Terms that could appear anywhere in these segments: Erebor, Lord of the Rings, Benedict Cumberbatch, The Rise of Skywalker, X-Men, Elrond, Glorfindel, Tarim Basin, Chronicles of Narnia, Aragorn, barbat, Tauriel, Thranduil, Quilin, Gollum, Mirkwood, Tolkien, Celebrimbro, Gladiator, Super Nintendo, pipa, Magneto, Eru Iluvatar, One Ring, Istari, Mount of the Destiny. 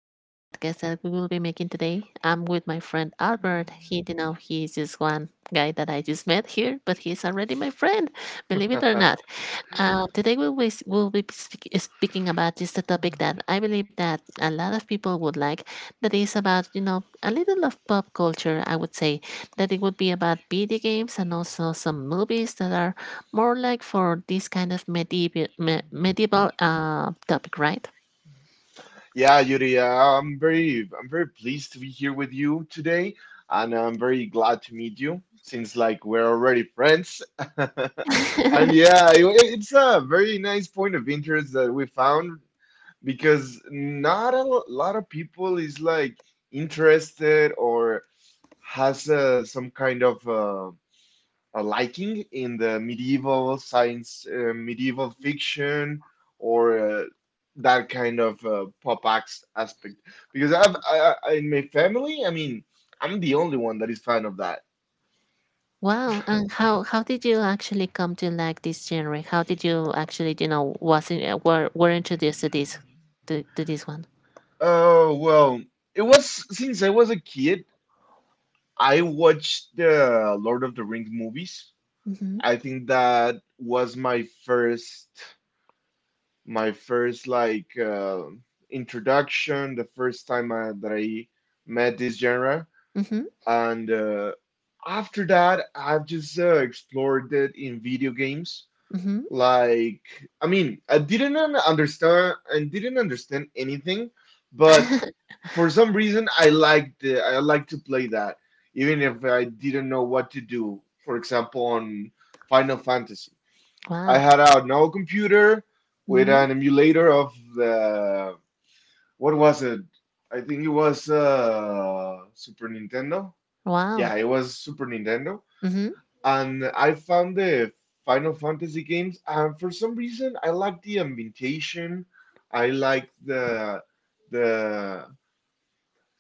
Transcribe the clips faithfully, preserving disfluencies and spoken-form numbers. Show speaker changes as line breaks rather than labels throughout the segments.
to our podcast that we will be making today. I'm with my friend Albert. He, you know, he's just one guy that I just met here, but he's already my friend, believe it or not. Uh, today we'll be, we'll be speak, speaking about just a topic that I believe that a lot of people would like. That is about, you know, a little of pop culture. I would say that it would be about video games and also some movies that are more like for this kind of medieval me, medieval uh, topic, right?
Yeah, Yuri, uh, I'm very I'm very pleased to be here with you today, and I'm very glad to meet you since like we're already friends. And yeah, i- it's a very nice point of interest that we found because not a lot of people is like interested or has uh, some kind of uh, a liking in the medieval science, uh, medieval fiction, or uh, that kind of uh, pop acts aspect. Because I've I, I, in my family, I mean, I'm the only one that is fan of that.
Wow, and how how did you actually come to like this genre? How did you actually, you know, was in, uh, were were introduced to this to, to this one?
Oh well, it was since I was a kid. I watched the Lord of the Rings movies.
Mhm.
I think that was my first, my first like uh, introduction, the first time uh, that I met this genre.
Mhm.
And uh, after that, I've just uh, explored it in video games
Mhm.
like. I mean, i didn't un- understand I didn't understand anything, but for some reason I liked the, I like to play that even if I didn't know what to do, for example, on Final Fantasy. I
Wow.
had a now computer with
Mhm.
an emulator of the, what was it? I think it was uh Super Nintendo. Yeah,
Wow.
it was Super Nintendo.
Mhm.
And I found the Final Fantasy games, and for some reason, I like the ambientation. I like the the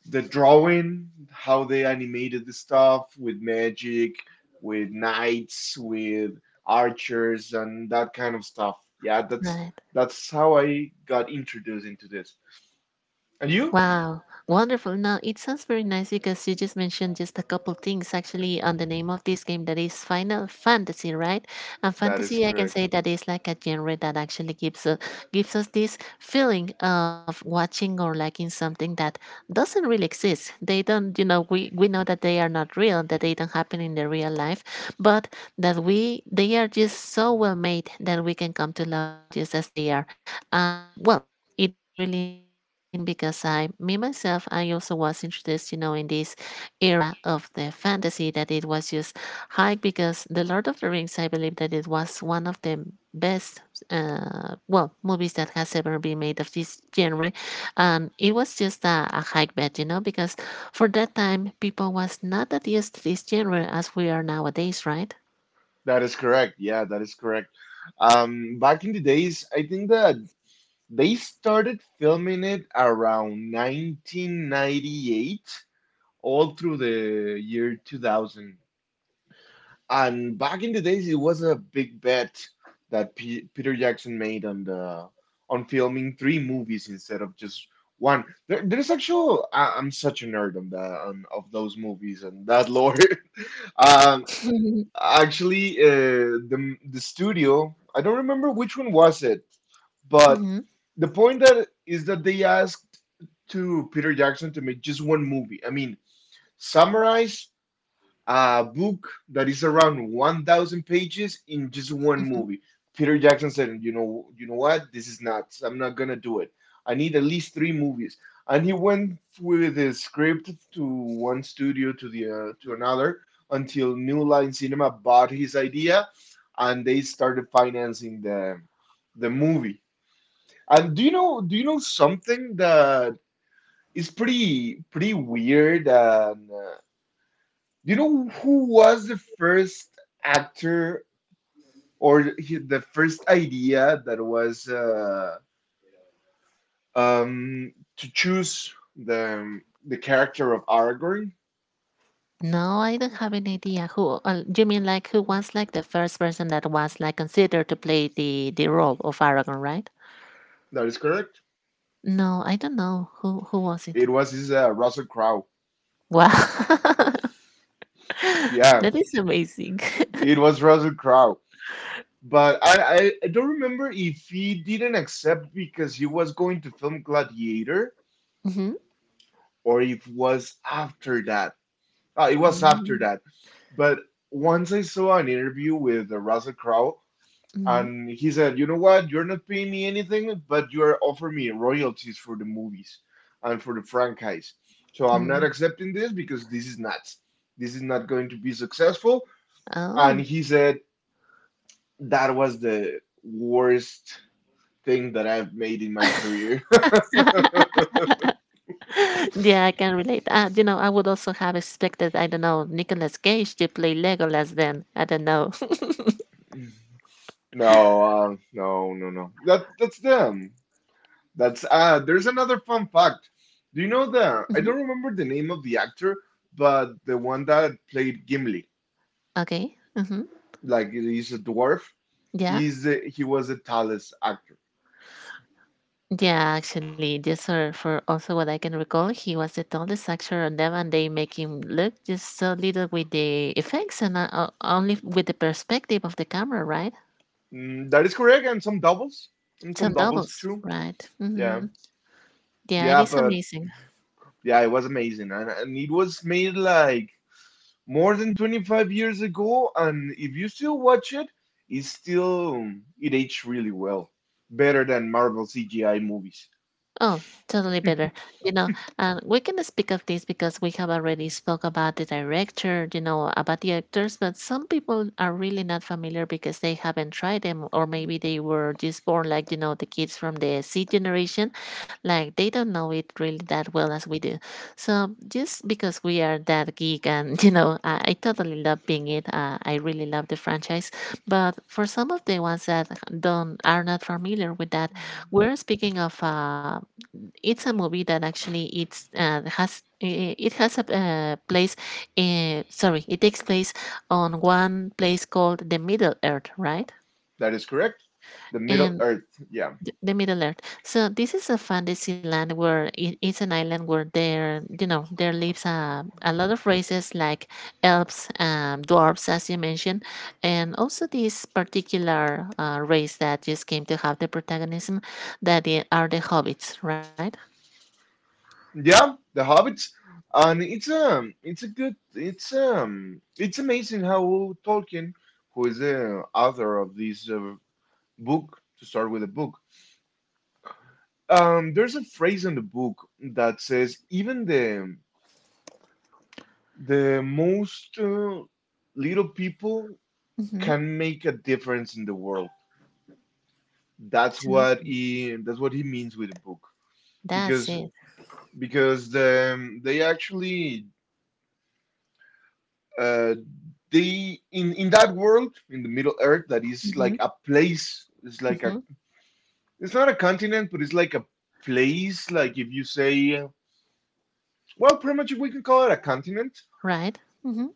the drawing, how they animated the stuff with magic, with knights, with archers, and that kind of stuff. Yeah, that's
Right.
that's how I got introduced into this. And you?
Wow, wonderful. Now it sounds very nice because you just mentioned just a couple things actually on the name of this game that is Final Fantasy, right? And
That is
fantasy, I can
correct.
say that is like a genre that actually gives us, gives us this feeling of watching or liking something that doesn't really exist. They don't, you know, we, we know that they are not real, that they don't happen in the real life, but that we, they are just so well made that we can come to love them just as they are. Um, well, it is really interesting because I, me myself, I also was introduced, you know, in this era of the fantasy that it was just high because The Lord of the Rings, I believe that it was one of the best, uh, well, movies that has ever been made of this genre. And it was just a, a hike bet, you know, because for that time, people was not that used to this genre as we are nowadays, right?
That is correct. Yeah, that is correct. Um, back in the days, I think that they started filming it around nineteen ninety-eight, all through the year two thousand. And back in the days, it was a big bet that P- Peter Jackson made on the, on filming three movies instead of just one. There, there's actual. I, I'm such a nerd on the on, of those movies and that lore. Um, Actually, uh, the the studio, I don't remember which one was it,
Hmm,
but
hmm.
the point that is that they asked to Peter Jackson to make just one movie. I mean, summarize a book that is around one thousand pages in just one movie. Peter Jackson said, you know, you know what, this is nuts, I'm not gonna do it. I need at least three movies. And he went with his script to one studio, to the uh, to another, until New Line Cinema bought his idea and they started financing the the movie. And do you know do you know something that is pretty pretty weird and uh, do you know who was the first actor, or he, the first idea that was uh, um, to choose the the character of Aragorn?
No, I don't have any idea who. Uh, you mean like who was like the first person that was like considered to play the the role of Aragon, right?
That is correct.
No, I don't know who who was it.
It was his uh, Russell Crowe.
Wow,
Yeah,
that is amazing.
it was Russell Crowe. But I, I I don't remember if he didn't accept because he was going to film Gladiator,
Mm-hmm.
or if it was after that. Uh, it was after
Mm-hmm.
that. But once I saw an interview with uh, Russell Crowe. And he said, "You know what? You're not paying me anything, but you are offering me royalties for the movies and for the franchise. So I'm not
Mm.
accepting this because this is nuts. This is not going to be successful." And
Oh,
he said, "That was the worst thing that I've made in my career."
yeah, I can relate. Uh, you know, I would also have expected, I don't know, Nicolas Cage to play Legolas. Then I don't know.
No, uh, no, no, no. That that's them. That's uh there's another fun fact. Do you know
Hmm.
the, I don't remember the name of the actor, but the one that played Gimli.
Okay. Mm-hmm.
Like, he's a dwarf.
Yeah.
He's a, he was a tallest actor.
Yeah, actually, just for, for also what I can recall, he was the tallest actor on them, and they make him look just so little with the effects and uh, uh, only with the perspective of the camera, right?
Mm, that is correct, and some doubles, and some
Some
doubles
doubles,
too.
right? Mm-hmm.
Yeah,
Yeah, it
yeah,
is
but
amazing.
yeah, it was amazing, and and it was made like more than twenty-five years ago, and if you still watch it, it's still, it aged really well, better than Marvel C G I movies.
Oh, totally better. You know, and we can speak of this because we have already spoke about the director, you know, about the actors, but some people are really not familiar because they haven't tried them, or maybe they were just born like, you know, the kids from the C generation, like they don't know it really that well as we do. So just because we are that geek and, you know, I, I totally love being it. Uh, I really love the franchise, but for some of the ones that don't are not familiar with that, we're speaking of uh, it's a movie that actually it's uh, has i- it has a uh, place uh, sorry, it takes place on one place called the Middle Earth, right?
That is correct. The Middle
And
Earth, yeah.
th- the Middle Earth, so this is a fantasy land where it is an island where there, you know there lives a, a lot of races like elves, um, dwarves, as you mentioned, and also this particular uh, race that just came to have the protagonism that i- are the hobbits, right?
Yeah, The Hobbit, and it's um, it's a good, it's um, it's amazing how Tolkien, who is the author of this uh, book, to start with the book, um, there's a phrase in the book that says even the the most uh, little people
Mm-hmm.
can make a difference in the world. That's what he, that's what he means with the book,
That's
because
it.
because the, they actually uh, they in in that world, in the Middle Earth that is like
Hmm,
a place. It's like a,
hmm.
it's not a continent, but it's like a place. Like if you say, uh, well, pretty much we can call it a continent,
Right. Hmm.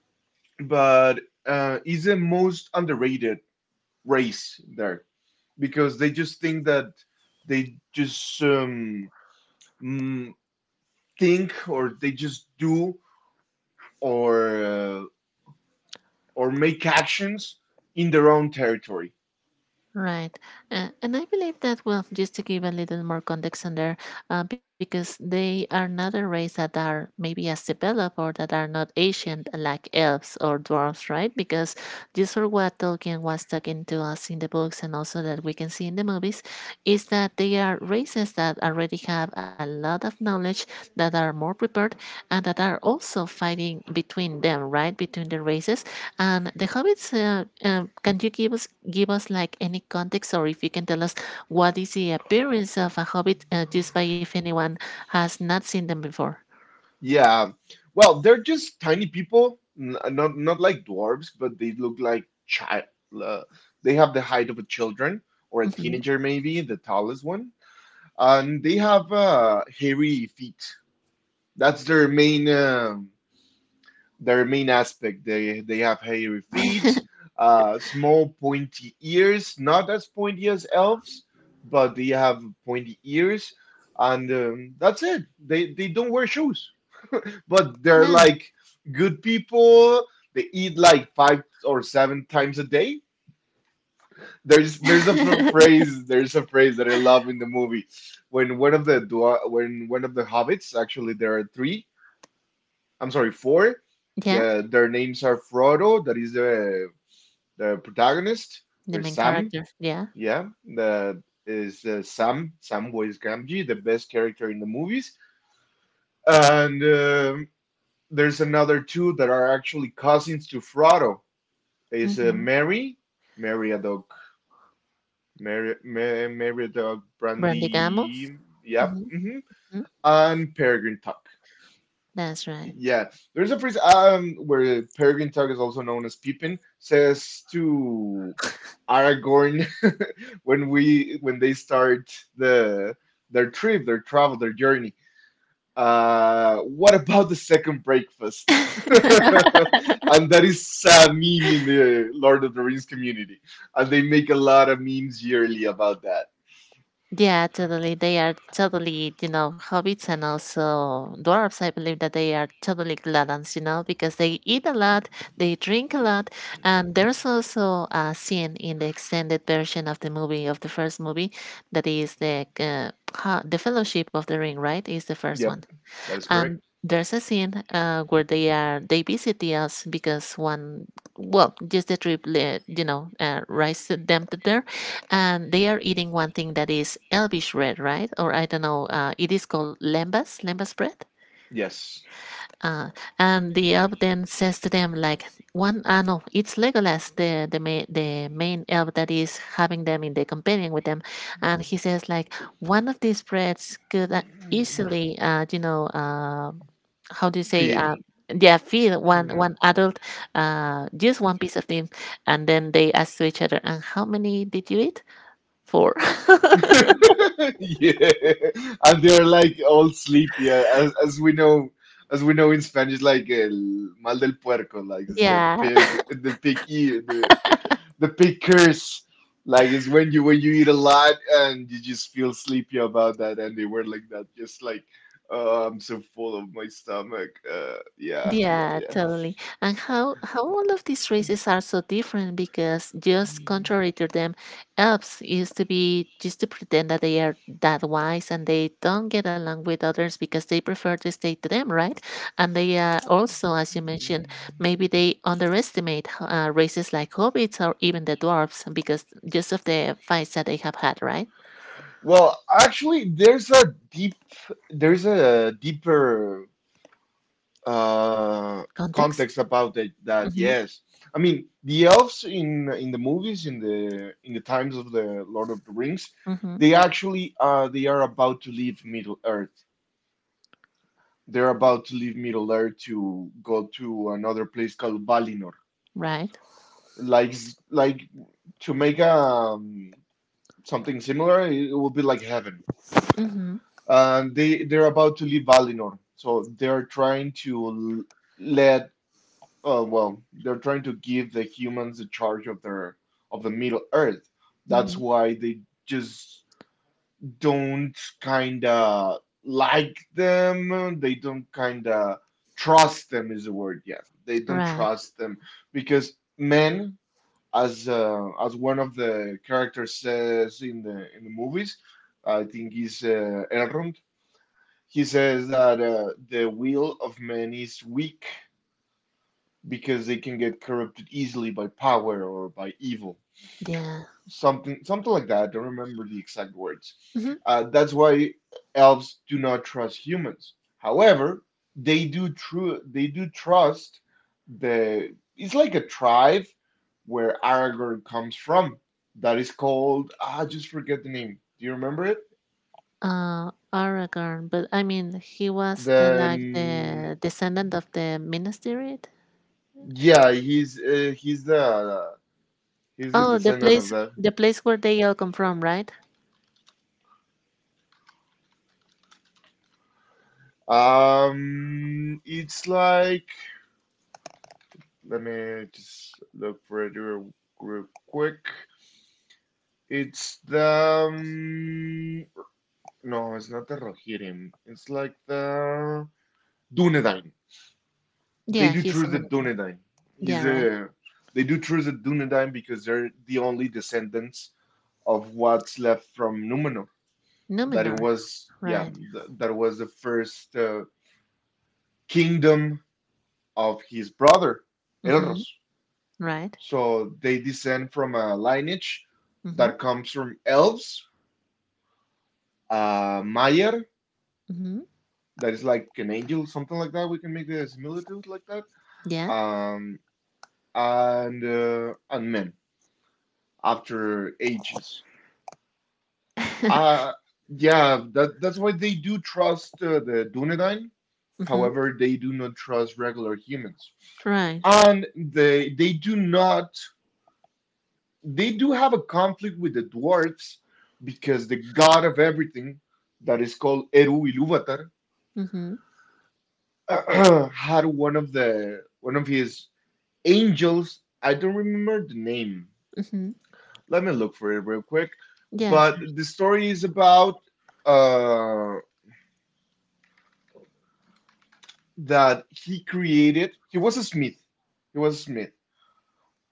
but uh, is the most underrated race there because they just think that they just um, mm, think, or they just do, or uh, or make actions in their own territory.
Right. Uh, and I believe that, well, just to give a little more context on there, uh, because they are not a race that are maybe as developed or that are not ancient like elves or dwarves, right? Because just for what Tolkien was talking to us in the books and also that we can see in the movies, is that they are races that already have a lot of knowledge, that are more prepared, and that are also fighting between them, right? Between the races. And the hobbits, uh, um, can you give us give us like any context, or if you can tell us what is the appearance of a hobbit, uh, just by, if anyone has not seen them before?
Yeah. Well, they're just tiny people, n- not not like dwarves, but they look like child. Uh, they have the height of a children or a
Hmm.
teenager, maybe the tallest one. And they have uh, hairy feet. That's their main um their main aspect. They they have hairy feet, uh, small pointy ears, not as pointy as elves, but they have pointy ears, and um, that's it. They they don't wear shoes, but they're
Yeah,
like good people. They eat like five or seven times a day. There's there's a ph- phrase there's a phrase that I love in the movie when one of the dwa- when one of the hobbits, actually there are three, I'm sorry, four.
yeah,
The, their names are Frodo, that is the the protagonist,
the
there's
main
Sam.
character. Yeah,
Yeah, that is is uh, Sam Samwise Gamgee, the best character in the movies. And um there's another two that are actually cousins to Frodo, is uh,
mm-hmm.
Mary, Meriadoc, Mary, Mar- Meriadoc
Brandy Gamble.
Brandy, yep,
Hmm.
hmm, and Peregrine Tuck.
That's right.
Yeah, there's a phrase um where Peregrine Tuck, is also known as Pippin, says to Aragorn, when we when they start the their trip, their travel, their journey. Uh, what about the second breakfast? And that is a meme in the Lord of the Rings community. And they make a lot of memes yearly about that.
Yeah, totally. They are totally, you know, hobbits and also dwarves. I believe that they are totally gluttons, you know, because they eat a lot, they drink a lot, and there's also a scene in the extended version of the movie of the first movie that is the uh, ha- the Fellowship of the Ring, right? Is the first
Yep,
one.
that is correct.
And there's a scene uh, where they are they visit the us because one, well, just the trip le- you know uh, rice them to there, and they are eating one thing that is elvish bread, right? Or I don't know, uh, it is called lembas, lembas bread,
Yes.
uh, and the elf then says to them like one, ah no, it's Legolas, the the, ma- the main elf that is having them in the companion with them, and he says like one of these breads could uh, easily uh, you know uh, how do you say,
Feed,
uh, yeah, feed
you
one
know.
one adult, uh, just one piece of them. And then they ask to each other, and how many did you eat? Four.
Yeah. And they're like all sleepy, uh, as, as we know, as we know in Spanish, like el mal del puerco, like it's the
Yeah.
pig, the pig ear, the big curse. Like is when you when you eat a lot and you just feel sleepy about that, and they were like that, just like, oh, I'm so full of my stomach. Uh, yeah, yeah,
Yeah,
yeah.
totally. And how how all of these races are so different because just
Mm.
contrary to them, elves used to be just to pretend that they are that wise and they don't get along with others because they prefer to stay to them, right? And they are also, as you mentioned, maybe they underestimate h- uh, races like hobbits or even the dwarves because just of the fights that they have had, right?
Well, actually, there's a deep, there's a deeper uh context
Context.
about it. That
Mm-hmm.
yes, I mean, the elves in in the movies, in the in the times of the Lord of the Rings,
Mm-hmm.
they actually uh they are about to leave Middle Earth. They're about to leave Middle Earth to go to another place called Valinor.
Right.
Like, like to make um something similar, it will be like heaven.
Mm-hmm.
And they they're about to leave Valinor, so they're trying to l- let, uh, well, they're trying to give the humans the charge of their, of the Middle Earth. That's
Mm-hmm.
why they just don't kind of like them. They don't kind of trust them is the word. Yeah, they don't
Right.
trust them because men, as uh, as one of the characters says in the in the movies, I think he's uh, Elrond. He says that uh, the will of men is weak because they can get corrupted easily by power or by evil,
Yeah.
something something like that. I don't remember the exact words.
Mhm.
Uh, that's why elves do not trust humans. However, they do true they do trust the, it's like a tribe where Aragorn comes from. That is called, ah, I just forget the name. Do you remember it?
Uh, Aragorn, but I mean, he was the like
Then
the descendant of the Minas Tirith.
yeah, he's uh, he's the he's the
Oh, the
descendant of
place,
that.
the place where they all come from, right?
Um, it's like, let me just look for it real, real quick. It's the um, no, it's not the Rohirrim. It's like the Dunedain.
Yeah,
They do
he's a
choose the
Minotaur.
Dunedain.
Yeah,
He's
right.
a, they do choose the Dunedain because they're the only descendants of what's left from Numenor. That it
Numenor,
was, yeah,
right?
th- that was the first uh, kingdom of his brother
Mm-hmm.
Elros.
Right.
So they descend from a lineage
Mm-hmm.
that comes from elves, uh, Mayer,
Mm-hmm.
that is like an angel, something like that. We can make the similitude like that.
Yeah.
Um, and uh, and men after ages. Uh, yeah, that that's why they do trust uh, the Dunedain.
Mm-hmm.
However, they do not trust regular humans,
Right.
and they they do not, they do have a conflict with the dwarves because the god of everything that is called Eru Iluvatar
Mm-hmm.
had one of the one of his angels. I don't remember the name.
Mm-hmm.
Let me look for it real quick.
Yeah.
But the story is about uh, that he created. He was a smith. He was a smith,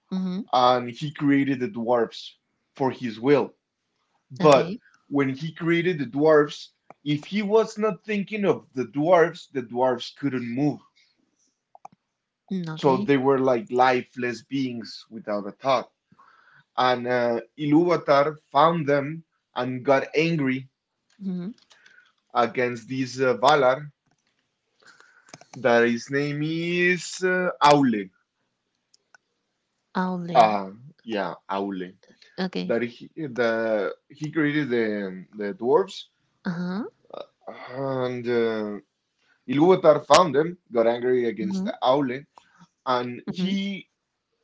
Mm-hmm.
and he created the dwarves for his will But
Okay.
when he created the dwarves, if he was not thinking of the dwarves, the dwarves couldn't move.
Mm,
So
okay.
they were like lifeless beings without a thought. And uh, Ilúvatar found them and got angry
Mm-hmm.
against this uh, Valar that his name is uh, Aule.
Owly.
Uh, yeah, Aule.
Okay.
That he, the, he created the, the dwarves
Uh-huh.
and uh, Ilúvatar found them, got angry
Mm-hmm.
against Aule, and
Mm-hmm.
he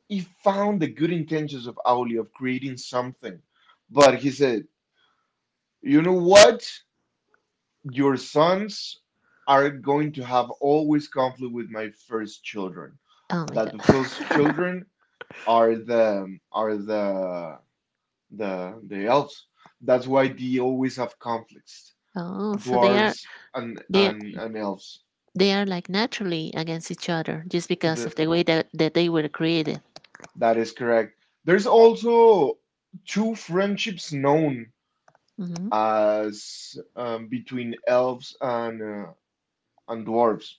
he found the good intentions of Auli of creating something, but he said, "You know what? Your sons are going to have always conflict with my first children.
Oh my
That the first
God.
children are the are the the the elves. That's why they always have conflicts.
oh, so they are
Dwarves and
they
and and elves.
They are like naturally against each other just because
The,
of the way that, that they were created.
that is correct. There's also two friendships known
Mm-hmm,
as um, between elves and uh, and dwarves.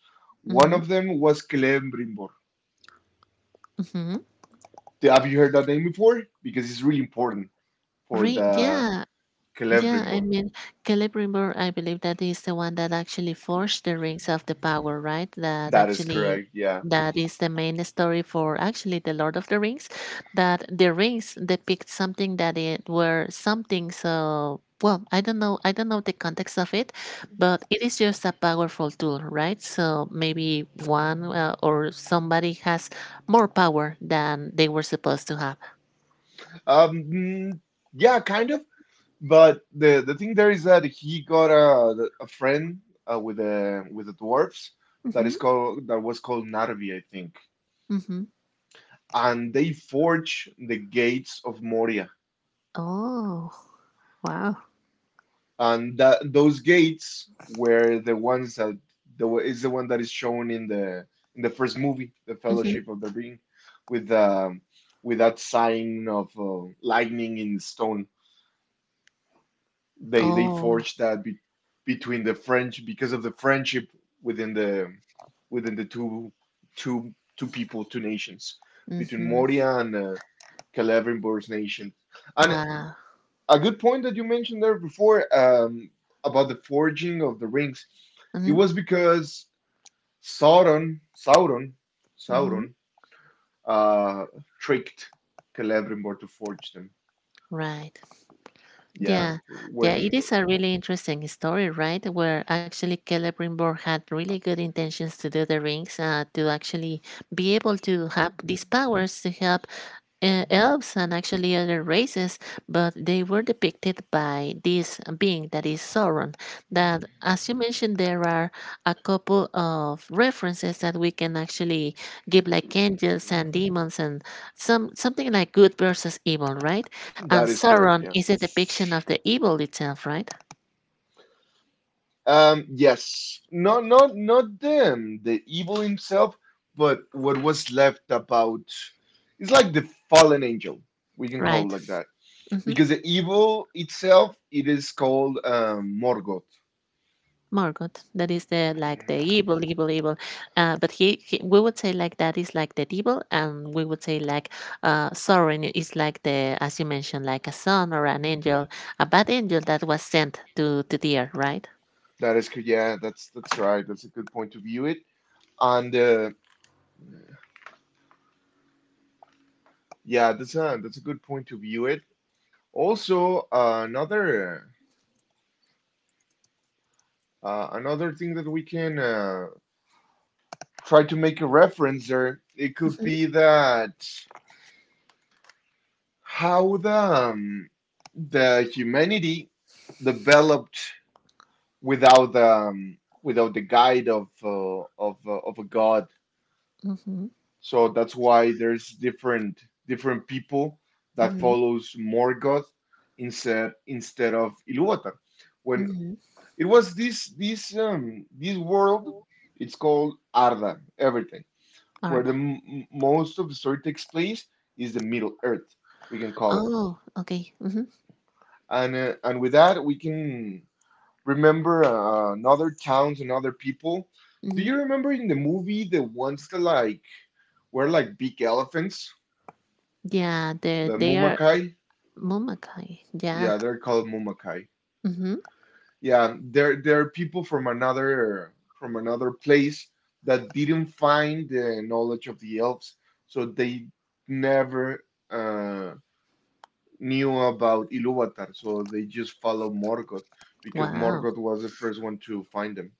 One
mm-hmm,
of them was Celebrimbor.
mm-hmm.
Th- Have you heard that name before? Because it's really important for
Re-
the
yeah, yeah, I
Celebrimbor.
mean, Kelly, I believe that is the one that actually forged the rings of the power, right? That
That is
actually
correct. Yeah.
that is the main story for actually the Lord of the Rings. That the rings depict something that it were something so well, I don't know I don't know the context of it, but it is just a powerful tool, right? So maybe one, uh, or somebody has more power than they were supposed to have.
Um. mm, Yeah, kind of. But the the thing there is that he got a a friend uh, with the with the dwarves that
Mm-hmm.
is called that was called Narvi, I think.
Mm-hmm.
And they forge the gates of Moria
Oh, wow.
and that those gates were the ones that the is the one that is shown in the in the first movie, The
Mm-hmm.
Fellowship of the Ring, with um, with that sign of uh, lightning in stone. They they
Oh,
forged that be, between the French because of the friendship within the within the two two two people, two nations between
mhm.
Moria and uh, Celebrimbor's nation. And
Wow.
a good point that you mentioned there before, um, about the forging of the rings. It
Mhm,
was because Sauron, Sauron,
mhm.
Sauron, uh, tricked Celebrimbor to forge them.
Right.
Yeah,
Yeah. Yeah,
when
it is a really interesting story, right? Where actually Celebrimbor had really good intentions to do the rings, uh, to actually be able to have these powers to help uh, elves and actually other races, but they were depicted by this being that is Sauron. That, as you mentioned, there are a couple of references that we can actually give, like angels and demons, and some something like good versus evil, right? And
That is correct.
Sauron
Yeah.
is a depiction of the evil itself, right?
Um, yes, not not not them, the evil himself, but what was left about. It's like the fallen angel. We can call it
Right.
like that.
Hmm.
Because the evil itself, it is called um, Morgoth.
Morgoth. That is the like the evil, evil, evil. Uh, but he, he, we would say like that is like the devil, and we would say like, uh, Sauron is like the, as you mentioned, like a son or an angel, a bad angel that was sent to to the earth, right?
That is good. Yeah, that's that's right. That's a good point to view it. And uh, yeah, that's a that's a good point to view it. Also, uh, another uh, another thing that we can uh, try to make a reference there, it could
Mm-hmm.
be that how the um, the humanity developed without the um, without the guide of uh, of uh, of a god.
Mm-hmm.
So that's why there's different different people that
Mm-hmm.
follows Morgoth instead instead of Ilúvatar. When
Mm-hmm.
it was this this um, this world, it's called Arda, everything, where
Arda.
the m- most of the story takes place is the Middle Earth, we can call it.
Oh, okay. Mm-hmm.
And uh, and with that, we can remember uh, another towns and other people. Do you
Mm-hmm.
remember in the movie the ones that like were like big elephants,
Yeah, they
the
they are
Mumakai?
Mumakai. Yeah.
Yeah, they're called Mumakai.
Mm-hmm.
Yeah, they're they're people from another from another place that didn't find the knowledge of the elves, so they never uh, knew about Ilúvatar. So they just follow Morgoth because
Wow.
Morgoth was the first one to find them.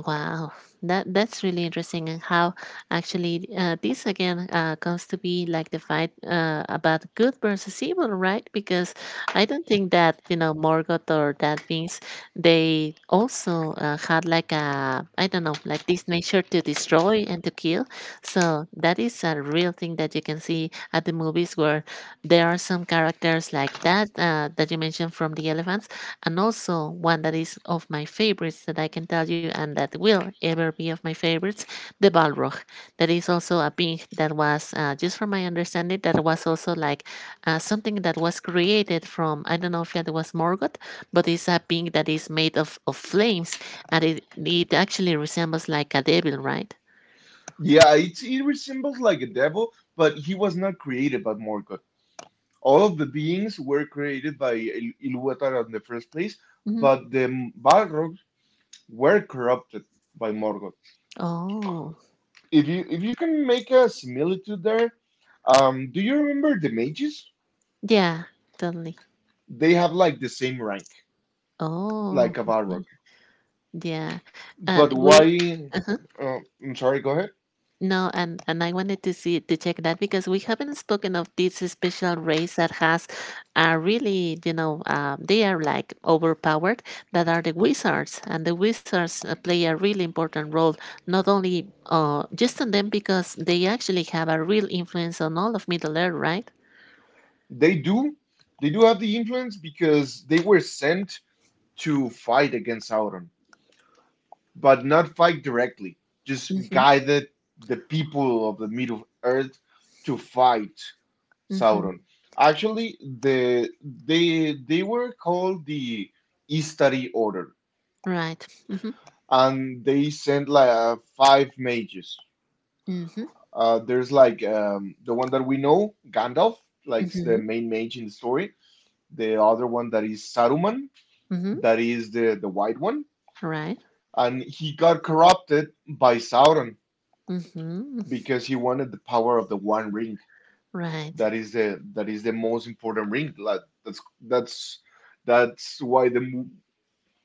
Wow, that that's really interesting, and how actually uh, this again uh, comes to be like the fight uh, about good versus evil, right? Because I don't think that you know Morgoth or that beings, they also uh, had like a, I don't know, like this nature to destroy and to kill. So that is a real thing that you can see at the movies where there are some characters like that uh, that you mentioned from the elephant, and also, one that is of my favorites that I can tell you and that will ever be of my favorites, the Balrog. That is also a being that was, uh, just from my understanding, that was also like uh, something that was created from, I don't know if it was Morgoth, but it's a being that is made of, of flames and it, it actually resembles like a devil, right?
Yeah, it's it resembles like a devil, but he was not created by Morgoth. All of the beings were created by Il- Ilúvatar in the first place,
Hmm.
but the Balrogs were corrupted by Morgoth.
Oh,
If you if you can make a similitude there, um, do you remember the mages?
yeah, totally.
They have like the same rank,
Oh,
like a
okay.
Balrog.
Yeah. And
But
we.
why? Uh, I'm sorry. Go ahead.
No, and and I wanted to see to check that because we haven't spoken of this special race that has, uh, really, you know, um, they are like overpowered. That are the wizards, and the wizards uh, play a really important role, not only uh, just on them because they actually have a real influence on all of Middle Earth, right?
They do. They do have the influence because they were sent to fight against Sauron, but not fight directly. Just
Mm-hmm.
guided the people of the Middle Earth to fight
Mm-hmm.
Sauron. Actually, the they they were called the Istari Order,
Right. Mm-hmm.
and they sent like uh, five mages.
Mm-hmm.
Uh, there's like um, the one that we know, Gandalf, like
Mm-hmm.
the main mage in the story. The other one that is Saruman,
Mm-hmm.
that is the the white one,
Right.
and he got corrupted by Sauron
Mm-hmm.
because he wanted the power of the One Ring.
Right.
That is the that is the most important ring. Like that's that's that's why the mo-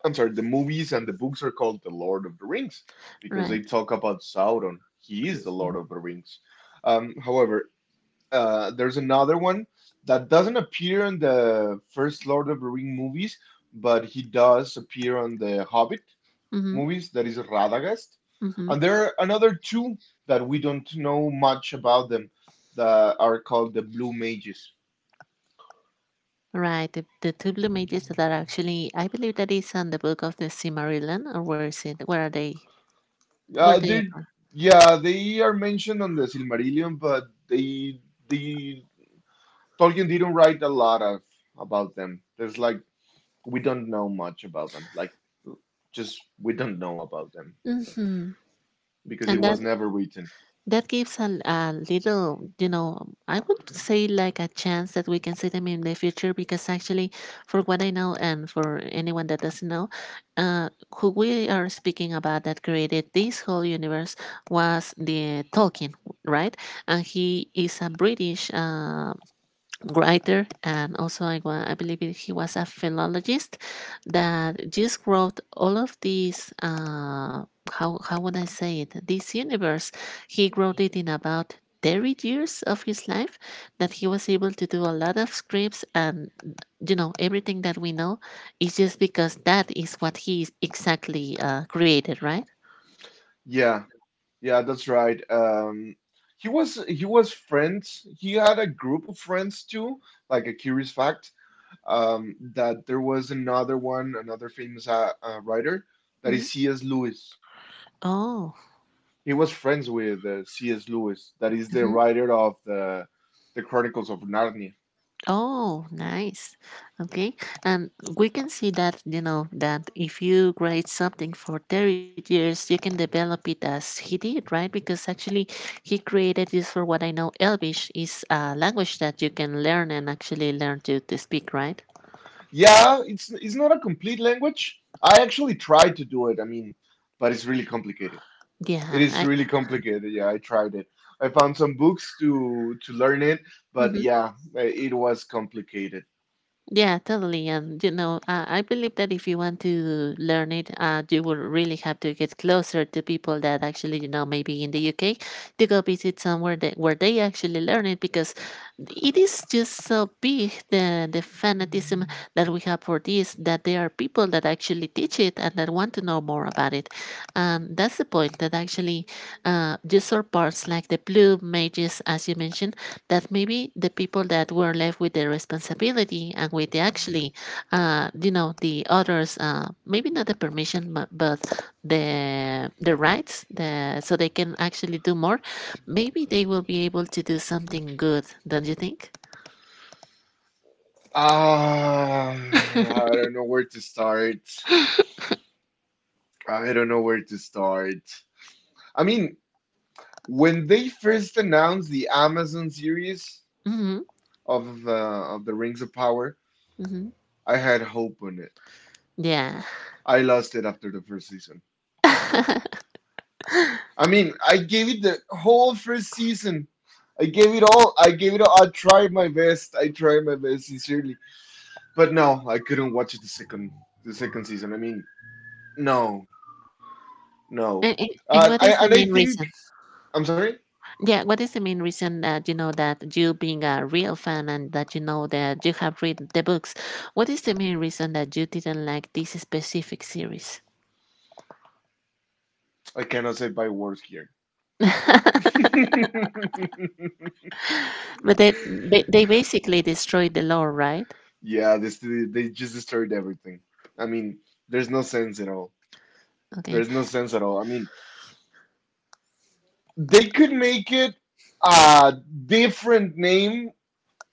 I'm sorry, the movies and the books are called The Lord of the Rings because they
Right.
talk about Sauron. He is the Lord
Mm-hmm.
of the Rings. Um, however, uh, there's another one that doesn't appear in the first Lord of the Ring movies, but he does appear on the Hobbit movies, that is Radagast.
Mm-hmm.
And there are another two that we don't know much about them that are called the Blue Mages.
Right, the, the two blue mages that are actually, I believe that is on the book of the Silmarillion, or where is it? Where are they? Where
Uh,
they
they
appear?
yeah, they are mentioned on the Silmarillion, but they they Tolkien didn't write a lot of about them. There's like we don't know much about them. Like just we don't know about them
Mm-hmm.
because it
And that
was never written.
that gives a, a little, you know, I would say like a chance that we can see them in the future because actually, for what I know and for anyone that doesn't know, uh, who we are speaking about that created this whole universe was the Tolkien, right? And he is a British. Uh, writer and also I, wa- I believe it- he was a philologist that just wrote all of these uh, how, how would I say it this universe he wrote it in about thirty years of his life that he was able to do a lot of scripts and you know everything that we know is just because that is what he exactly uh, created, right?
Yeah, yeah, that's right. Um, he was he was friends. He had a group of friends too. Like a curious fact, um, that there was another one, another famous uh, uh, writer that
Hmm.
is C S. Lewis.
Oh.
He was friends with uh, C S. Lewis, that is the writer of the the Chronicles of Narnia.
Oh, nice. Okay. And we can see that, you know, that if you grade something for thirty years, you can develop it as he did, right? Because actually, he created this for what I know, Elvish is a language that you can learn and actually learn to, to speak, right?
Yeah, it's it's not a complete language. I actually tried to do it. I mean, but it's really complicated. It
Yeah.
is
I,
really complicated. Yeah, I tried it. I found some books to to learn it, but yeah, it was complicated.
yeah, totally. And you know, uh, I believe that if you want to learn it, uh, you will really have to get closer to people that actually, you know, maybe in the U K, to go visit somewhere that where they actually learn it because it is just so big the the fanatism that we have for this that there are people that actually teach it and that want to know more about it, and that's the point that actually, uh, you saw parts like the blue mages, as you mentioned that maybe the people that were left with the responsibility and with the actually, uh, you know, the others, uh, maybe not the permission, but, but the the rights, the so they can actually do more. Maybe they will be able to do something good. Don't you think?
Ah, I don't know where to start. I don't know where to start. I mean, when they first announced the Amazon series
Mm-hmm.
of uh, of the Rings of Power,
Mm-hmm.
I had hope on it.
Yeah.
I lost it after the first season. I mean, I gave it the whole first season. I gave it all. I gave it all. I tried my best. I tried my best sincerely. But no, I couldn't watch the second the second season. I mean, no,
And,
no.
and and what
Uh,
is
I
the
and
main
I
reason?
think I'm sorry.
Yeah, what is the main reason that you know that you being a real fan and that you know that you have read the books? What is the main reason that you didn't like this specific series?
I cannot say by words here.
But they, they they basically destroyed the law, right?
Yeah, this they they just destroyed everything. I mean, there's no sense at all.
Okay.
There's no sense at all. I mean, they could make it a different name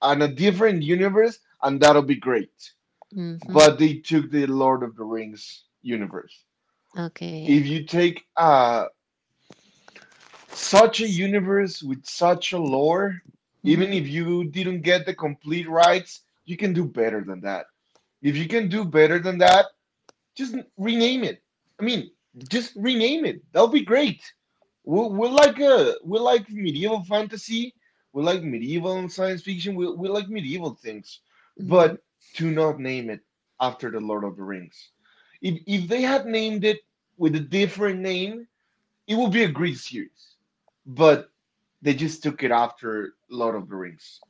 and a different universe, and that'll be great.
Hmm.
But they took the Lord of the Rings universe.
Okay.
If you take uh, such a universe with such a lore, even
Hmm.
if you didn't get the complete rights, you can do better than that. If you can do better than that, just rename it. I mean, just rename it. That'll be great. We're, we're like a we're like medieval fantasy. We're like medieval and science fiction. We're, we're like medieval things, but
Hmm.
do not name it after the Lord of the Rings. If if they had named it with a different name, it would be a great series. But they just took it after Lord of the Rings.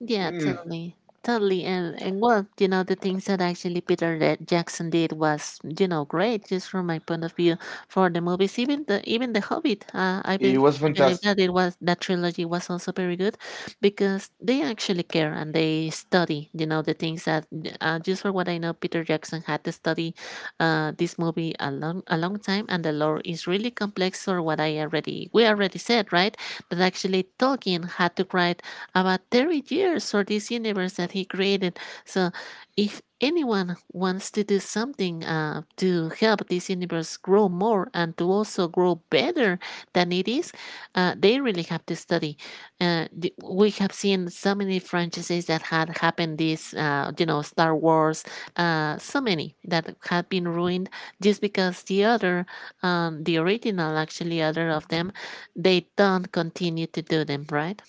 Yeah,
Mm,
totally. Totally. And, and well, you know, the things that actually Peter Da- Jackson did was, you know, great just from my point of view for the movies. Even the even the Hobbit, uh, I bel
it was
I believe
fantastic.
that it was that trilogy was also very good because they actually care and they study, you know, the things that uh, just for what I know, Peter Jackson had to study uh, this movie a long a long time, and the lore is really complex. For what I already we already said, right? That actually Tolkien had to write about thirty years for this universe that he created. So, if anyone wants to do something uh, to help this universe grow more and to also grow better than it is, uh, they really have to study. Uh, we have seen so many franchises that had happened this, uh, you know, Star Wars, uh, so many that had been ruined just because the other, um, the original, actually, other of them, they don't continue to do them, right?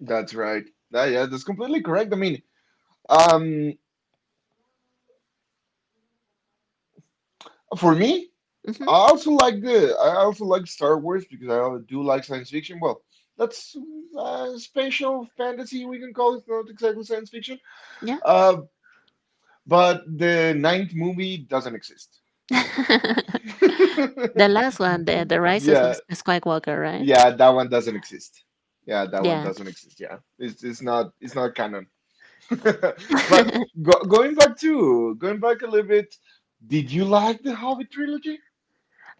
That's right. That, yeah, that's completely correct. I mean, um, for me, I
Mm-hmm.
also like the I also like Star Wars because I do like science fiction. Well, that's uh, spatial fantasy we can call it. Not exactly science fiction.
Yeah.
Uh, but the ninth movie doesn't exist.
The last one, the the Rises of
Yeah,
Skywalker, right?
yeah, that one doesn't exist. Yeah, that
Yeah.
one doesn't exist. Yeah, it's it's not it's not canon. But go, going back to going back a little bit, did you like the Hobbit trilogy?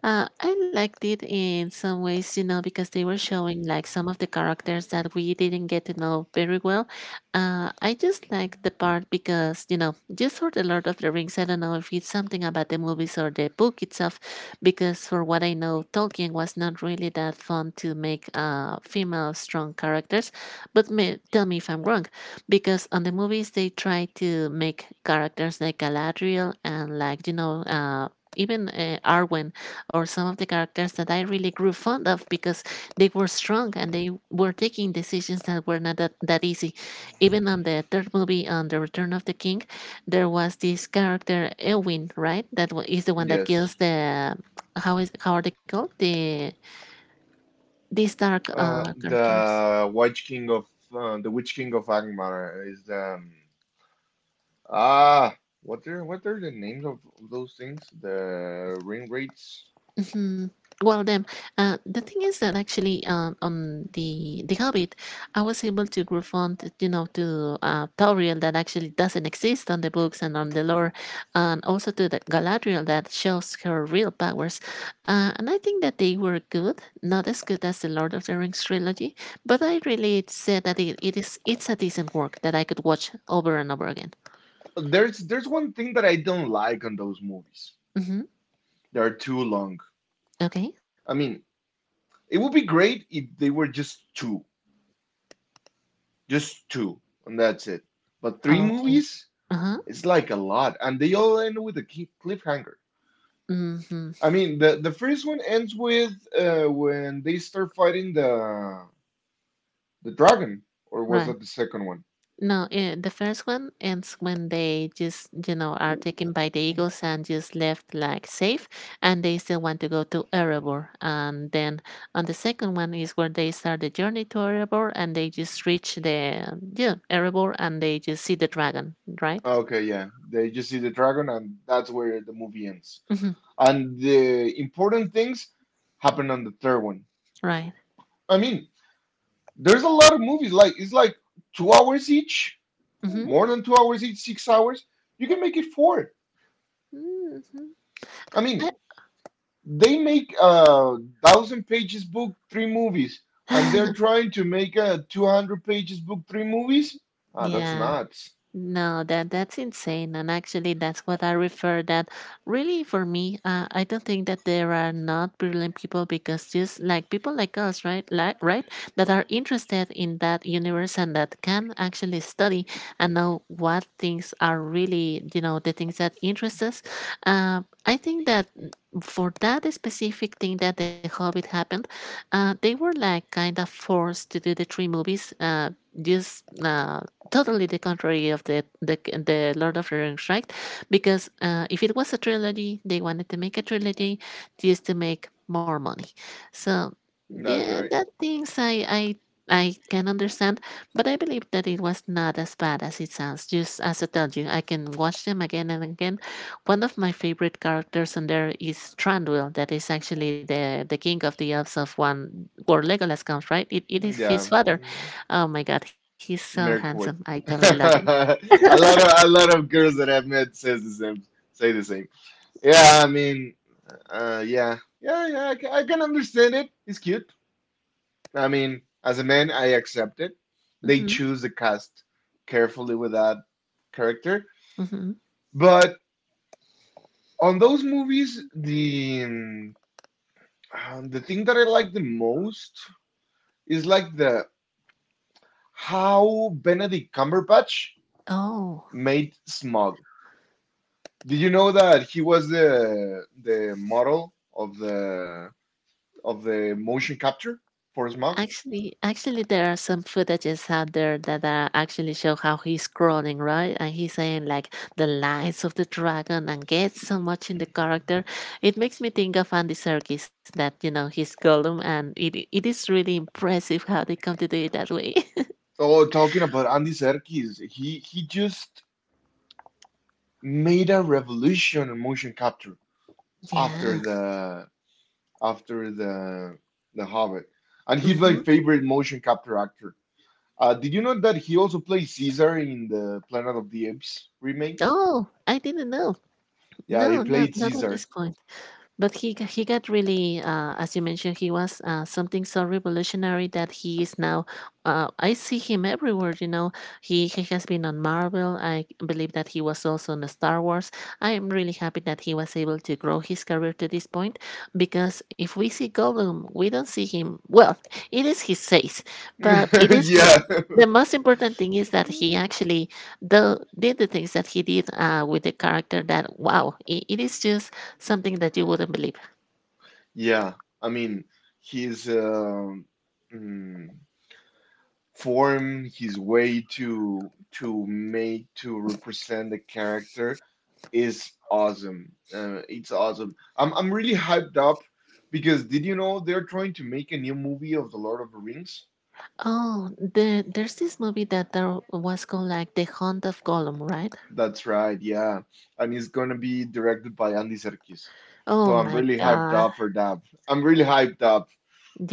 Uh, I liked it in some ways, you know, because they were showing like some of the characters that we didn't get to know very well. Uh, I just liked the part because, you know, just for The Lord of the Rings, I don't know if it's something about the movies or the book itself, because for what I know, Tolkien was not really that fun to make uh, female strong characters. But me, tell me if I'm wrong, because on the movies, they try to make characters like Galadriel and like, you know, uh, even uh, Arwen or some of the characters that I really grew fond of because they were strong and they were taking decisions that were not that, that easy. Even on the third movie, on The Return of the King, there was this character Elwin, right? That wa- is the one that
Yes.
kills the how is how are they called the these dark
Uh,
uh, characters.
the Witch King of uh, the Witch King of Angmar is um ah what are what are the names of those things? The ring rates.
Hmm. Well, then, uh, the thing is that actually uh, on the the Hobbit, I was able to refund, you know, to uh, Tauriel that actually doesn't exist on the books and on the lore, and also to the Galadriel that shows her real powers. Uh, and I think that they were good, not as good as the Lord of the Rings trilogy, but I really said that it, it is it's a decent work that I could watch over and over again.
There's there's one thing that I don't like on those movies.
Mm-hmm.
They're too long.
Okay.
I mean, it would be great if they were just two, just two, and that's it. But three
Okay.
movies,
Uh huh.
it's like a lot, and they all end with a key- cliffhanger.
Mm-hmm.
I mean, the the first one ends with uh, when they start fighting the The dragon, or was
Right.
that the second one?
No, eh, the first one ends when they just, you know, are taken by the eagles and just left like safe, and they still want to go to Erebor. And then on the second one is where they start the journey to Erebor, and they just reach the yeah Erebor, and they just see the dragon, right?
Okay, yeah, they just see the dragon, and that's where the movie ends.
Hmm.
And the important things happen on the third one.
Right.
I mean, there's a lot of movies like it's like two hours each,
Mm-hmm.
more than two hours each, six hours. You can make it four.
Hmm.
I mean, they make a thousand pages book, three movies, and they're trying to make a two hundred pages book, three movies. Ah, that's
Yeah.
nuts.
No, that that's insane, and actually, that's what I refer. That really, for me, uh, I don't think that there are not brilliant people because just like people like us, right, like right, that are interested in that universe and that can actually study and know what things are really, you know, the things that interest us. Uh, I think that for that specific thing that the Hobbit happened, uh, they were like kind of forced to do the three movies. Uh, just uh, totally the contrary of the the, the Lord of the Rings, right? Because uh, if it was a trilogy, they wanted to make a trilogy just to make more money. So
That's
yeah,
right.
that things I I I can understand, but I believe that it was not as bad as it sounds. Just as I told you, I can watch them again and again. One of my favorite characters in there is Tranduil, that is actually the the king of the elves of one where Legolas comes, right? It, it is
Yeah.
his father. Oh my god, he's so handsome. I
Mirkwood.
can love it.
a lot of a lot of girls that I've met says the same say the same. Yeah, I mean, uh, yeah, yeah, yeah. I can, I can understand it. It's cute. I mean, as a man, I accept it. They
Mhm,
choose the cast carefully with that character,
mhm.
but on those movies, the um, uh, the thing that I like the most is like the how Benedict Cumberbatch
Oh,
made Smog. Did you know that he was the the model of the of the motion capture for Smog?
actually, actually, there are some footages out there that uh, actually show how he's crawling, right? And he's saying like the lies of the dragon and gets so much in the character. It makes me think of Andy Serkis that you know he's Gollum, and it it is really impressive how they come to do it that way.
Oh, talking about Andy Serkis, he he just made a revolution in motion capture after
Yeah.
the after the the Hobbit, and he's my
Hmm.
favorite motion capture actor. Uh, did you know that he also played Caesar in the Planet of the Apes remakes?
Oh, I didn't know.
Yeah, he
No, not
played
not at
Caesar.
this point. But he g- he got really, uh, as you mentioned, he was uh, something so revolutionary that he is now. Uh, I see him everywhere. You know, he he has been on Marvel. I believe that he was also on Star Wars. I am really happy that he was able to grow his career to this point, because if we see Gollum, we don't see him. Well, it is his face, but it is mo-
Yeah.
the most important thing is that he actually the, did the things that he did uh, with the character. That wow, it, it is just something that you wouldn't believe.
Yeah, I mean, his um mm, form, his way to to make to represent the character is awesome. Uh, it's awesome. I'm I'm really hyped up because did you know they're trying to make a new movie of The Lord of the Rings?
Oh, the, there's this movie that there was called like The Hunt of Gollum, right?
That's right, yeah, and it's gonna be directed by Andy Serkis.
Oh
So I'm
my
really hyped
god.
up for that. I'm really hyped up.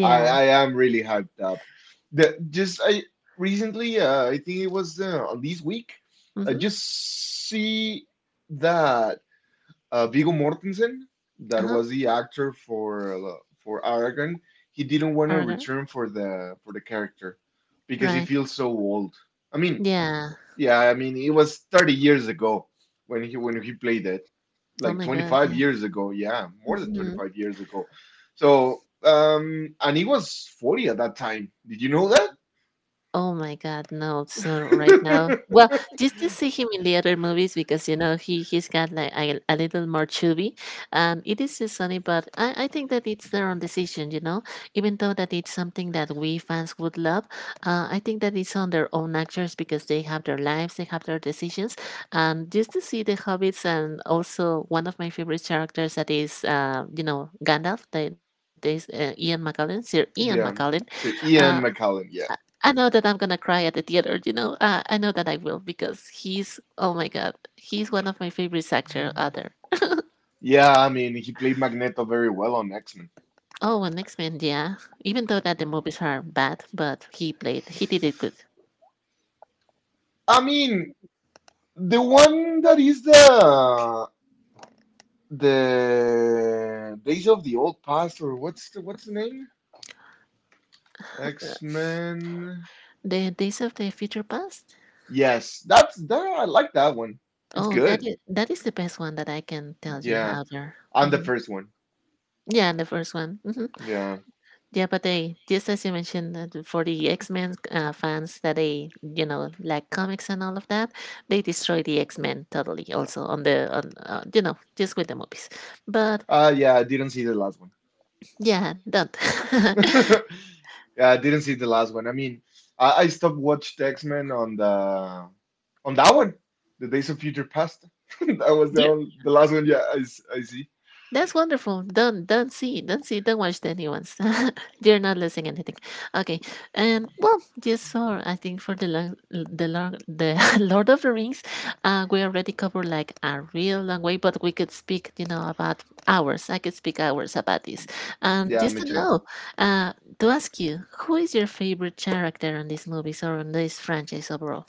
I I am really hyped up. The just I recently, uh, I think it was uh, on this week, I
Mm-hmm.
just see that uh, Viggo Mortensen, that
Uh-huh.
was the actor for uh, for Aragorn, he didn't want
Aragorn.
to return for the for the character because he
Right.
feels so old. I mean,
Yeah.
yeah, I mean it was thirty years ago when he when he played it,
Oh
like
my god.
twenty-five
Yeah.
years ago. Yeah, more than
Mhm.
twenty-five years ago. So, um, and he was forty at that time. Did you know that?
Oh my god, no. So right now, well, just to see him in the other movies because, you know, he he's got like a, a little more chubby, and it is just funny, but I I think that it's their own decision, you know, even though that it's something that we fans would love. Uh, I think that it's on their own actors because they have their lives, they have their decisions, and just to see the hobbits and also one of my favorite characters that is, uh, you know, Gandalf, that is uh, Ian McKellen, Sir Ian McKellen.
Yeah. So
uh,
Ian McKellen,
I
yeah.
I know that I'm gonna cry at the theater, you know. Uh, I know that I will because he's oh my god, he's one of my favorite actor other.
Yeah, I mean, he played Magneto very well on X-Men.
Oh, and X Men, yeah. Even though that the movies are bad, but he played, he did it good.
I mean, the one that is the the Days of the Old Past, or what's the what's the name? X-Men.
The Days of the Future Past.
Yes, that's that I like that one. It's
Oh, that
good.
is that is the best one that I can tell you
Yeah.
out there.
And the
Hmm
first one.
Yeah, the first one. Hmm
Yeah.
Yeah, but they, just as you mentioned, that for the X Men uh, fans that they, you know, like comics and all of that, they destroy the X Men totally. Also on the on uh, you know, just with the movies, but
Uh yeah, I didn't see the last one.
yeah, don't.
Yeah, I didn't see the last one. I mean, I, I stopped watched X-Men on the on that one. The Days of Future Past. That was the
Yeah,
only, the last one, yeah, I, s- I see.
that's wonderful. Don't don't see, don't see, don't watch the new ones. You're not losing anything. Okay, and well, just so I think for the long, the long, the Lord of the Rings, uh, we already covered like a real long way, but we could speak, you know, about hours. I could speak hours about this. And
Yeah,
just
me
to
too.
know, uh, to ask you, who is your favorite character on these movies or on this franchise overall?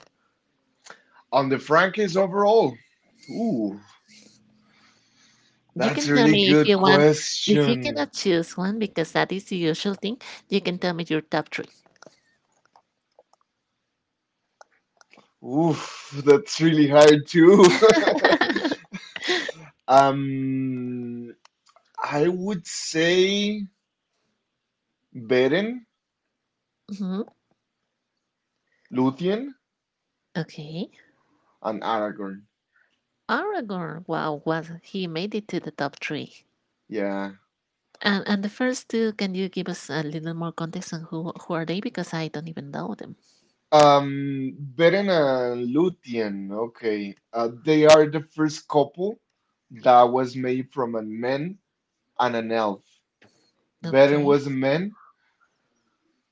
On the Frankies overall. Ooh,
You
that's
can
a
tell
really
me if
good
you want, if you
question.
cannot choose one, because that is the usual thing. You can tell me your top three.
Oof, that's really hard too. Um, I would say Beren,
Mhm.
Luthien,
Okay.
and Aragorn.
Aragorn. Wow, was he made it to the top three.
Yeah.
And and the first two, can you give us a little more context on who who are they? Because I don't even know them.
Um, Beren and Lúthien. Okay. Uh, they are the first couple that was made from a man and an elf. Beren
Okay.
was a man,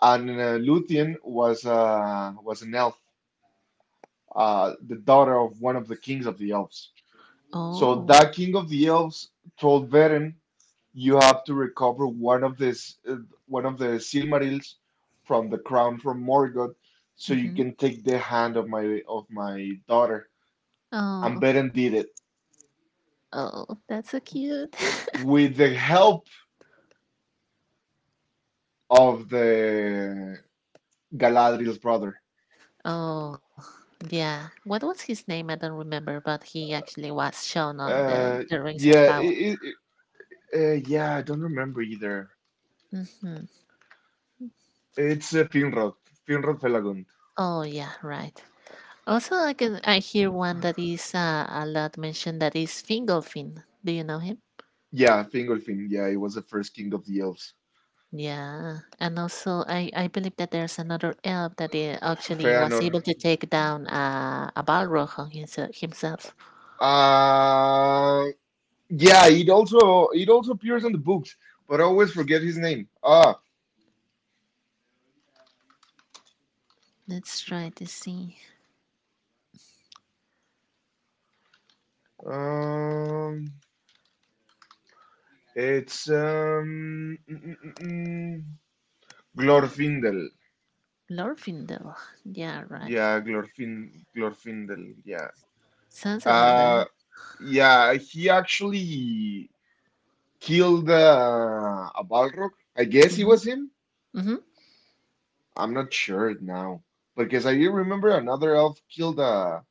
and uh, Lúthien was uh, was an elf, uh, the daughter of one of the kings of the elves. So
Oh.
that king of the elves told Beren, you have to recover one of this uh, one of the Silmarils from the crown from Morgoth, so you
Mm-hmm.
can take the hand of my of my daughter. And
Oh.
Beren did it
Oh, that's so cute.
with the help of the Galadriel's brother.
Oh, yeah. What was his name? I don't remember, but he actually was shown on the
Uh,
the Rings of
yeah,
Power.
it, it, uh, yeah, I don't remember either.
Mm-hmm.
It's uh, Finrod, Finrod Felagund.
Oh yeah, right. Also, I can I hear one that is uh, a lot mentioned that is Fingolfin. Do you know him?
Yeah, Fingolfin. Yeah, he was the first king of the elves.
Yeah, and also I I believe that there's another elf that uh, actually was
Feanor.
able to take down uh, a Balrog on himself. himself.
Uh, Yeah, it also, it also appears on the books, but I always forget his name. Ah,
Let's try to see
um, it's um, mm, mm, mm, mm, Glorfindel.
Glorfindel. Yeah, right.
Yeah, Glorfin Glorfindel. Yeah.
Sounds about right.
Uh, yeah. He actually killed uh, a Balrog. I guess it
Mm-hmm.
was him.
Mm-hmm.
I'm not sure now because I remember another elf killed a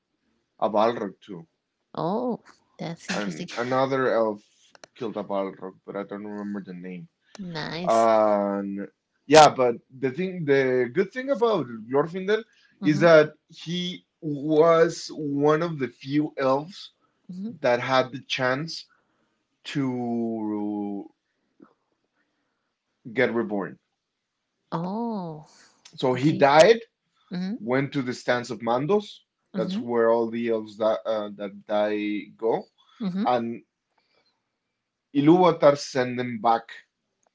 a Balrog too.
Oh, that's
An,
interesting.
another elf killed a Balrog, but I don't remember the name.
Nice.
Um, yeah, but the thing, the good thing about Glorfindel is
Mm-hmm.
that he was one of the few elves
Mm-hmm.
that had the chance to get reborn.
Oh,
So he
okay.
died,
Mm-hmm.
went to the stands of Mandos.
Mm-hmm.
That's where all the elves that uh, that die go,
Mm-hmm.
and Ilúvatar sent them back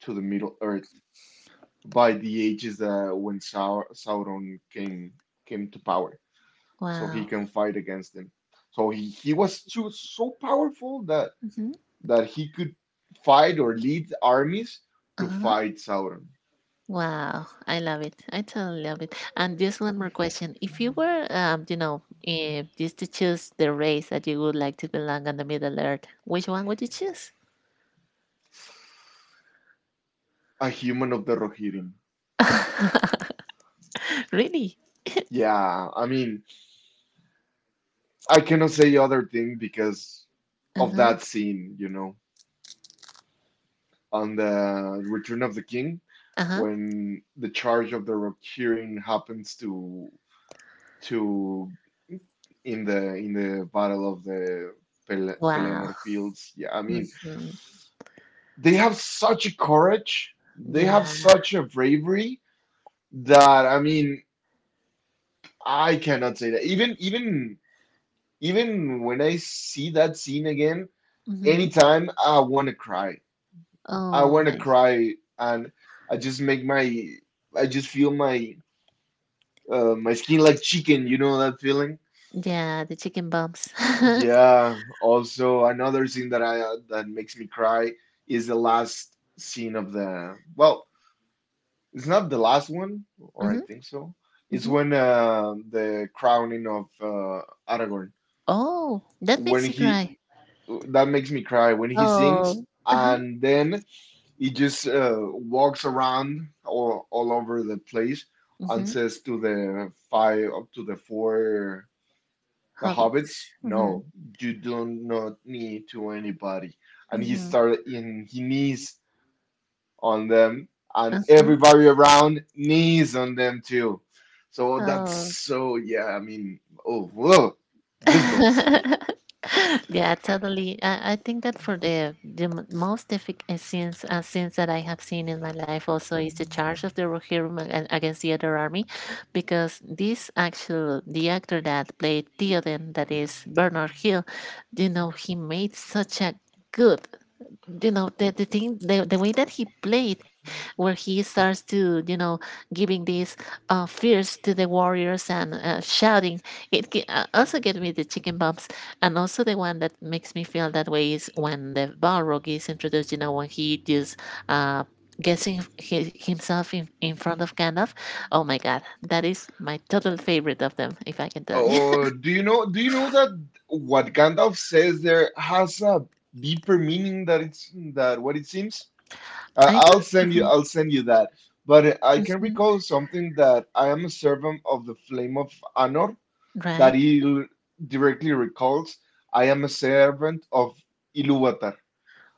to the Middle Earth by the ages uh, when Sau Sauron came came to power, so he
Wow.
can fight against him. So he, he was too so powerful that
Mm-hmm.
that he could fight or lead armies to fight Sauron,
Wow, I love it. I totally love it. And just one more question. If you were, um, you know, if just to choose the race that you would like to belong on the Middle Earth, which one would you choose?
a human of the Rohirrim.
Really?
Yeah, I mean, I cannot say other thing because of
Uh-huh.
that scene, you know, on the Return of the King,
Uh-huh.
when the charge of the Rohirrim happens to to in the in the battle of the Pel-
Wow.
Pelennor Fields. Yeah, I mean,
hmm
they have such a courage, they have
Yeah.
such a bravery that, I mean, I cannot say that. Even even even when I see that scene again,
hmm
anytime I want to cry. I
Oh
want to
my.
cry, and I just make my I just feel my uh, my skin like chicken. You know that feeling?
Yeah, the chicken bumps.
Yeah, also another thing that I uh, that makes me cry is the last scene of the, well, it's not the last one, or I
hmm
think so. It's
hmm
when uh, the crowning of uh, Aragorn.
Oh, that
When
makes you
he
cry.
That makes me cry when he sings
Oh. Uh-huh.
and then he just uh, walks around all, all over the place and
hmm
says to the five, up to the four, the hobbits?
Hobbits. Hmm
No, you do not need to anybody. And he
hmm
started in he knees on them and
hmm
everybody around knees on them too. So that's,
Oh.
so yeah, I mean, oh, whoa, goosebumps.
Yeah, totally. I, I think that for the the m- most difficult scenes uh, scenes that I have seen in my life also is the charge of the Rohirrim ag- against the other army, because this actual the actor that played Theoden, that is Bernard Hill, you know, he made such a good, you know, the, the thing, the, the way that he played, where he starts to, you know, giving these uh fears to the warriors and, uh, shouting it ge- uh, also get me the chicken bumps. And also the one that makes me feel that way is when the balrog is introduced, you know, when he just uh guessing hi himself in, in front of Gandalf. Oh my god, that is my total favorite of them, if I can tell you.
Oh, do you know, do you know that what Gandalf says there has a deeper meaning that it's that what it seems? Uh,
I
I'll
don't.
send you,
Uh-huh.
I'll send you that. But I can
Mhm.
recall something, that I am a servant of the flame of Anor, that
Right.
he directly recalls, I am a servant of Iluvatar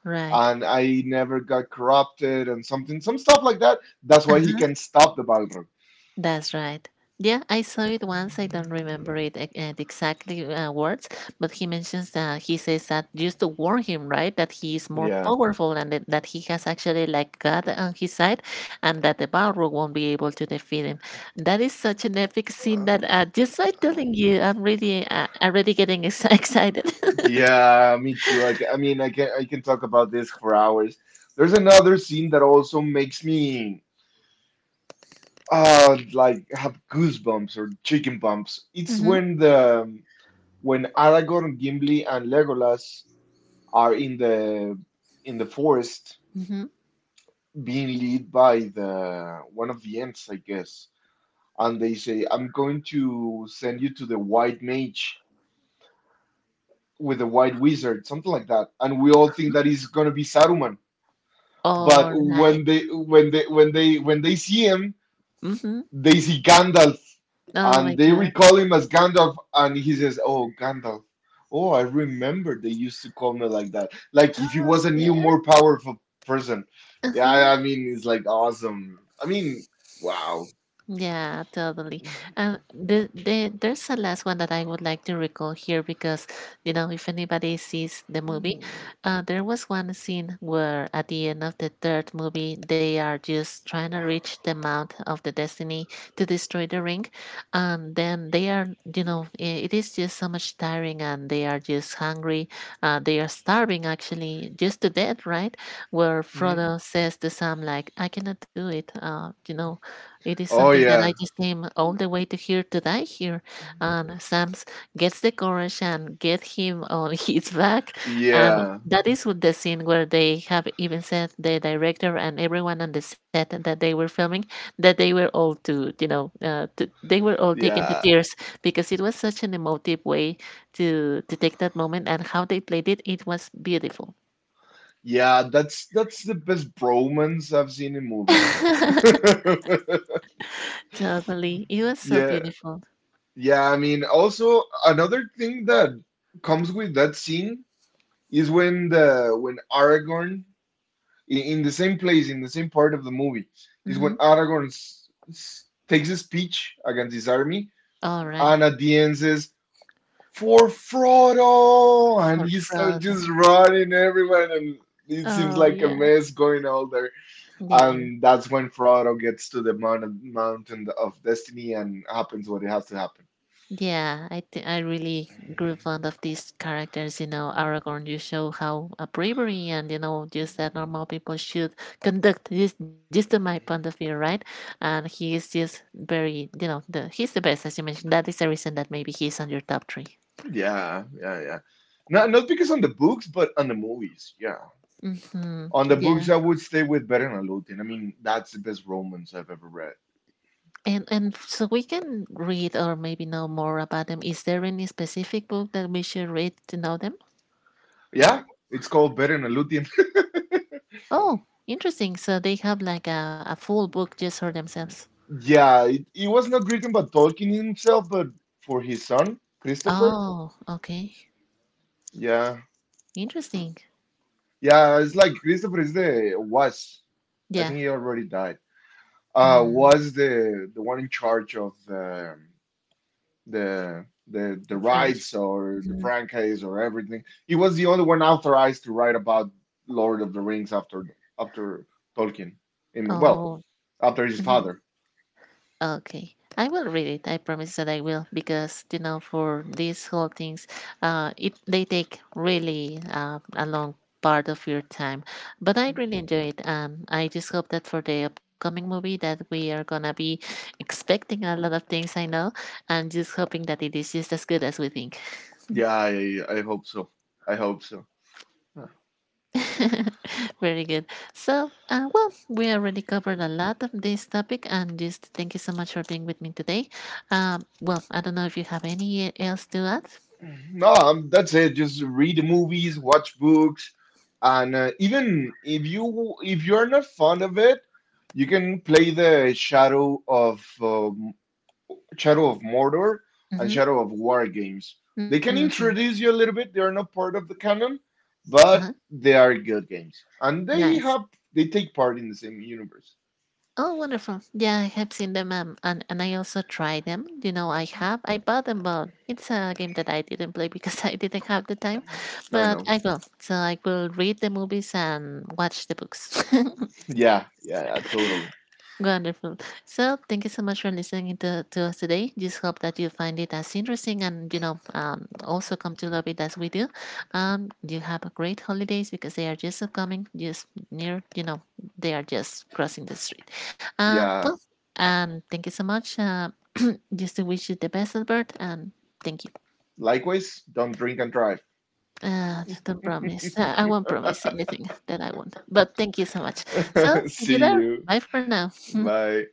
Right.
and I never got corrupted and something, some stuff like that. That's why he
Uh-huh.
can stop the Balrog.
That's right. Yeah, I saw it once. I don't remember it e- uh, the exactly uh, words, but he mentions, uh, he says that just to warn him, right, that he is more
Yeah.
powerful and that, that he has actually like God on his side, and that the Balrog won't be able to defeat him. That is such an epic scene that
Oh,
uh, just by
oh.
telling you, I'm really uh, already getting ex- excited.
Yeah, me too. I, ca- I mean, I can, I can talk about this for hours. There's another scene that also makes me uh like have goosebumps or chicken bumps. It's
Mm-hmm.
when the, when Aragorn, Gimli, and Legolas are in the in the forest
Mm-hmm.
being led by the one of the ants, I guess. And they say, I'm going to send you to the white mage, with the white wizard, something like that. And we all think that he's gonna be Saruman. But
All right.
when they when they when they when they see him,
Mm-hmm.
they see Gandalf,
Oh my
and they
God.
recall him as Gandalf, and he says, "Oh, Gandalf. Oh, I remember they used to call me like that." Like if he
Oh
was a new,
yeah.
more powerful person. Yeah,
Uh-huh.
I I mean, it's like awesome. I mean, wow.
Yeah, totally. And the, the, there's a last one that I would like to recall here because, you know, if anybody sees the movie, uh, there was one scene where at the end of the third movie, they are just trying to reach the Mount of the Destiny to destroy the ring. And then they are, you know, i- it is just so much tiring and they are just hungry. Uh, they are starving actually just to death, right? Where
Hmm?
Frodo says to Sam, like, I cannot do it. Uh, you know, it is
Oh
something that
yeah,
I just came all the way to here today here, and Sam's gets the courage and get him on his back, and
yeah,
that is with the scene where they have even said the director and everyone on the set that they were filming, that they were all to, you know, uh, to, they were all taken to
yeah,
tears, because it was such an emotive way to to take that moment, and how they played it, it was beautiful.
yeah. That's that's the best bromance I've seen in movies.
Totally, it was so
Yeah,
beautiful.
yeah. I mean, also another thing that comes with that scene is when the when Aragorn in, in the same place, in the same part of the movie, is when
Mm-hmm.
Aragorn s- s- takes a speech against his army
All right,
and at the end says, for Frodo, and
for
he starts
fraud.
just running everywhere, and it seems
Oh
like a
yeah,
mess going all there,
yeah,
and that's when Frodo gets to the mount- mountain of destiny and happens what it has to happen.
yeah. I th- I really grew fond of these characters. You know, Aragorn. You show how uh, bravery and, you know, just that normal people should conduct. This just to my point of view, right? And he is just very, you know, the he's the best, as you mentioned. That is the reason that maybe he's on your top three.
Yeah, yeah, yeah. Not not because on the books, but on the movies. Yeah.
Mm-hmm.
On the
Yeah,
books, I would stay with Beren and Luthien. I mean, that's the best romance I've ever read.
and and so we can read or maybe know more about them. Is there any specific book that we should read to know them?
Yeah, it's called Beren and Luthien.
Oh, interesting. So they have like a, a full book just for themselves.
Yeah, it, it was not written by Tolkien himself, but for his son, Christopher.
Oh, okay.
Yeah.
Interesting.
Yeah, it's like Christopher is the was. I
Yeah.
think he already died. Uh
Mm,
was the the one in charge of the the the
the
the
French.
rights or the
Mhm.
franchise or everything. He was the only one authorized to write about Lord of the Rings after after Tolkien. And, well,
Oh,
after his
mhm.
father.
Okay. I will read it. I promise that I will, because you know, for these whole things, uh, it they take really uh, a long part of your time. But I really enjoy it. Um, I just hope that for the upcoming movie that we are gonna be expecting a lot of things. I know, and just hoping that it is just as good as we think.
Yeah, I I hope so. I hope so.
Very good. So, uh, well, we already covered a lot of this topic, and just thank you so much for being with me today. Um, well, I don't know if you have any else to add.
Yeah. No, um, that's it. Just read the movies, watch books, and uh, even if you if you're not fond of it, you can play the Shadow of um, Shadow of Mordor and
Mm-hmm.
Shadow of War games. They can
Mm-hmm.
introduce you a little bit. They are not part of the canon, but
Uh-huh.
they are good games, and they
Nice.
have they take part in the same universe.
Oh, wonderful. Yeah, I have seen them, um, and, and I also tried them. You know, I have. I bought them, but it's a game that I didn't play because I didn't have the time.
I
But
know.
I will. So I will read the movies and watch the books.
Yeah, yeah, yeah, totally.
Wonderful. So, thank you so much for listening to, to us today. Just hope that you find it as interesting and, you know, um, also come to love it as we do. Um, you have a great holidays because they are just upcoming, just near, you know, they are just crossing the street. Uh, well,
Yeah.
um, thank you so much. Uh, just to wish you the best, Albert, and thank you.
Likewise, don't drink and drive.
Uh, don't promise. I I won't promise anything that I want, but thank you so much. So, see you
See
there.
you.
Bye for now.
Bye.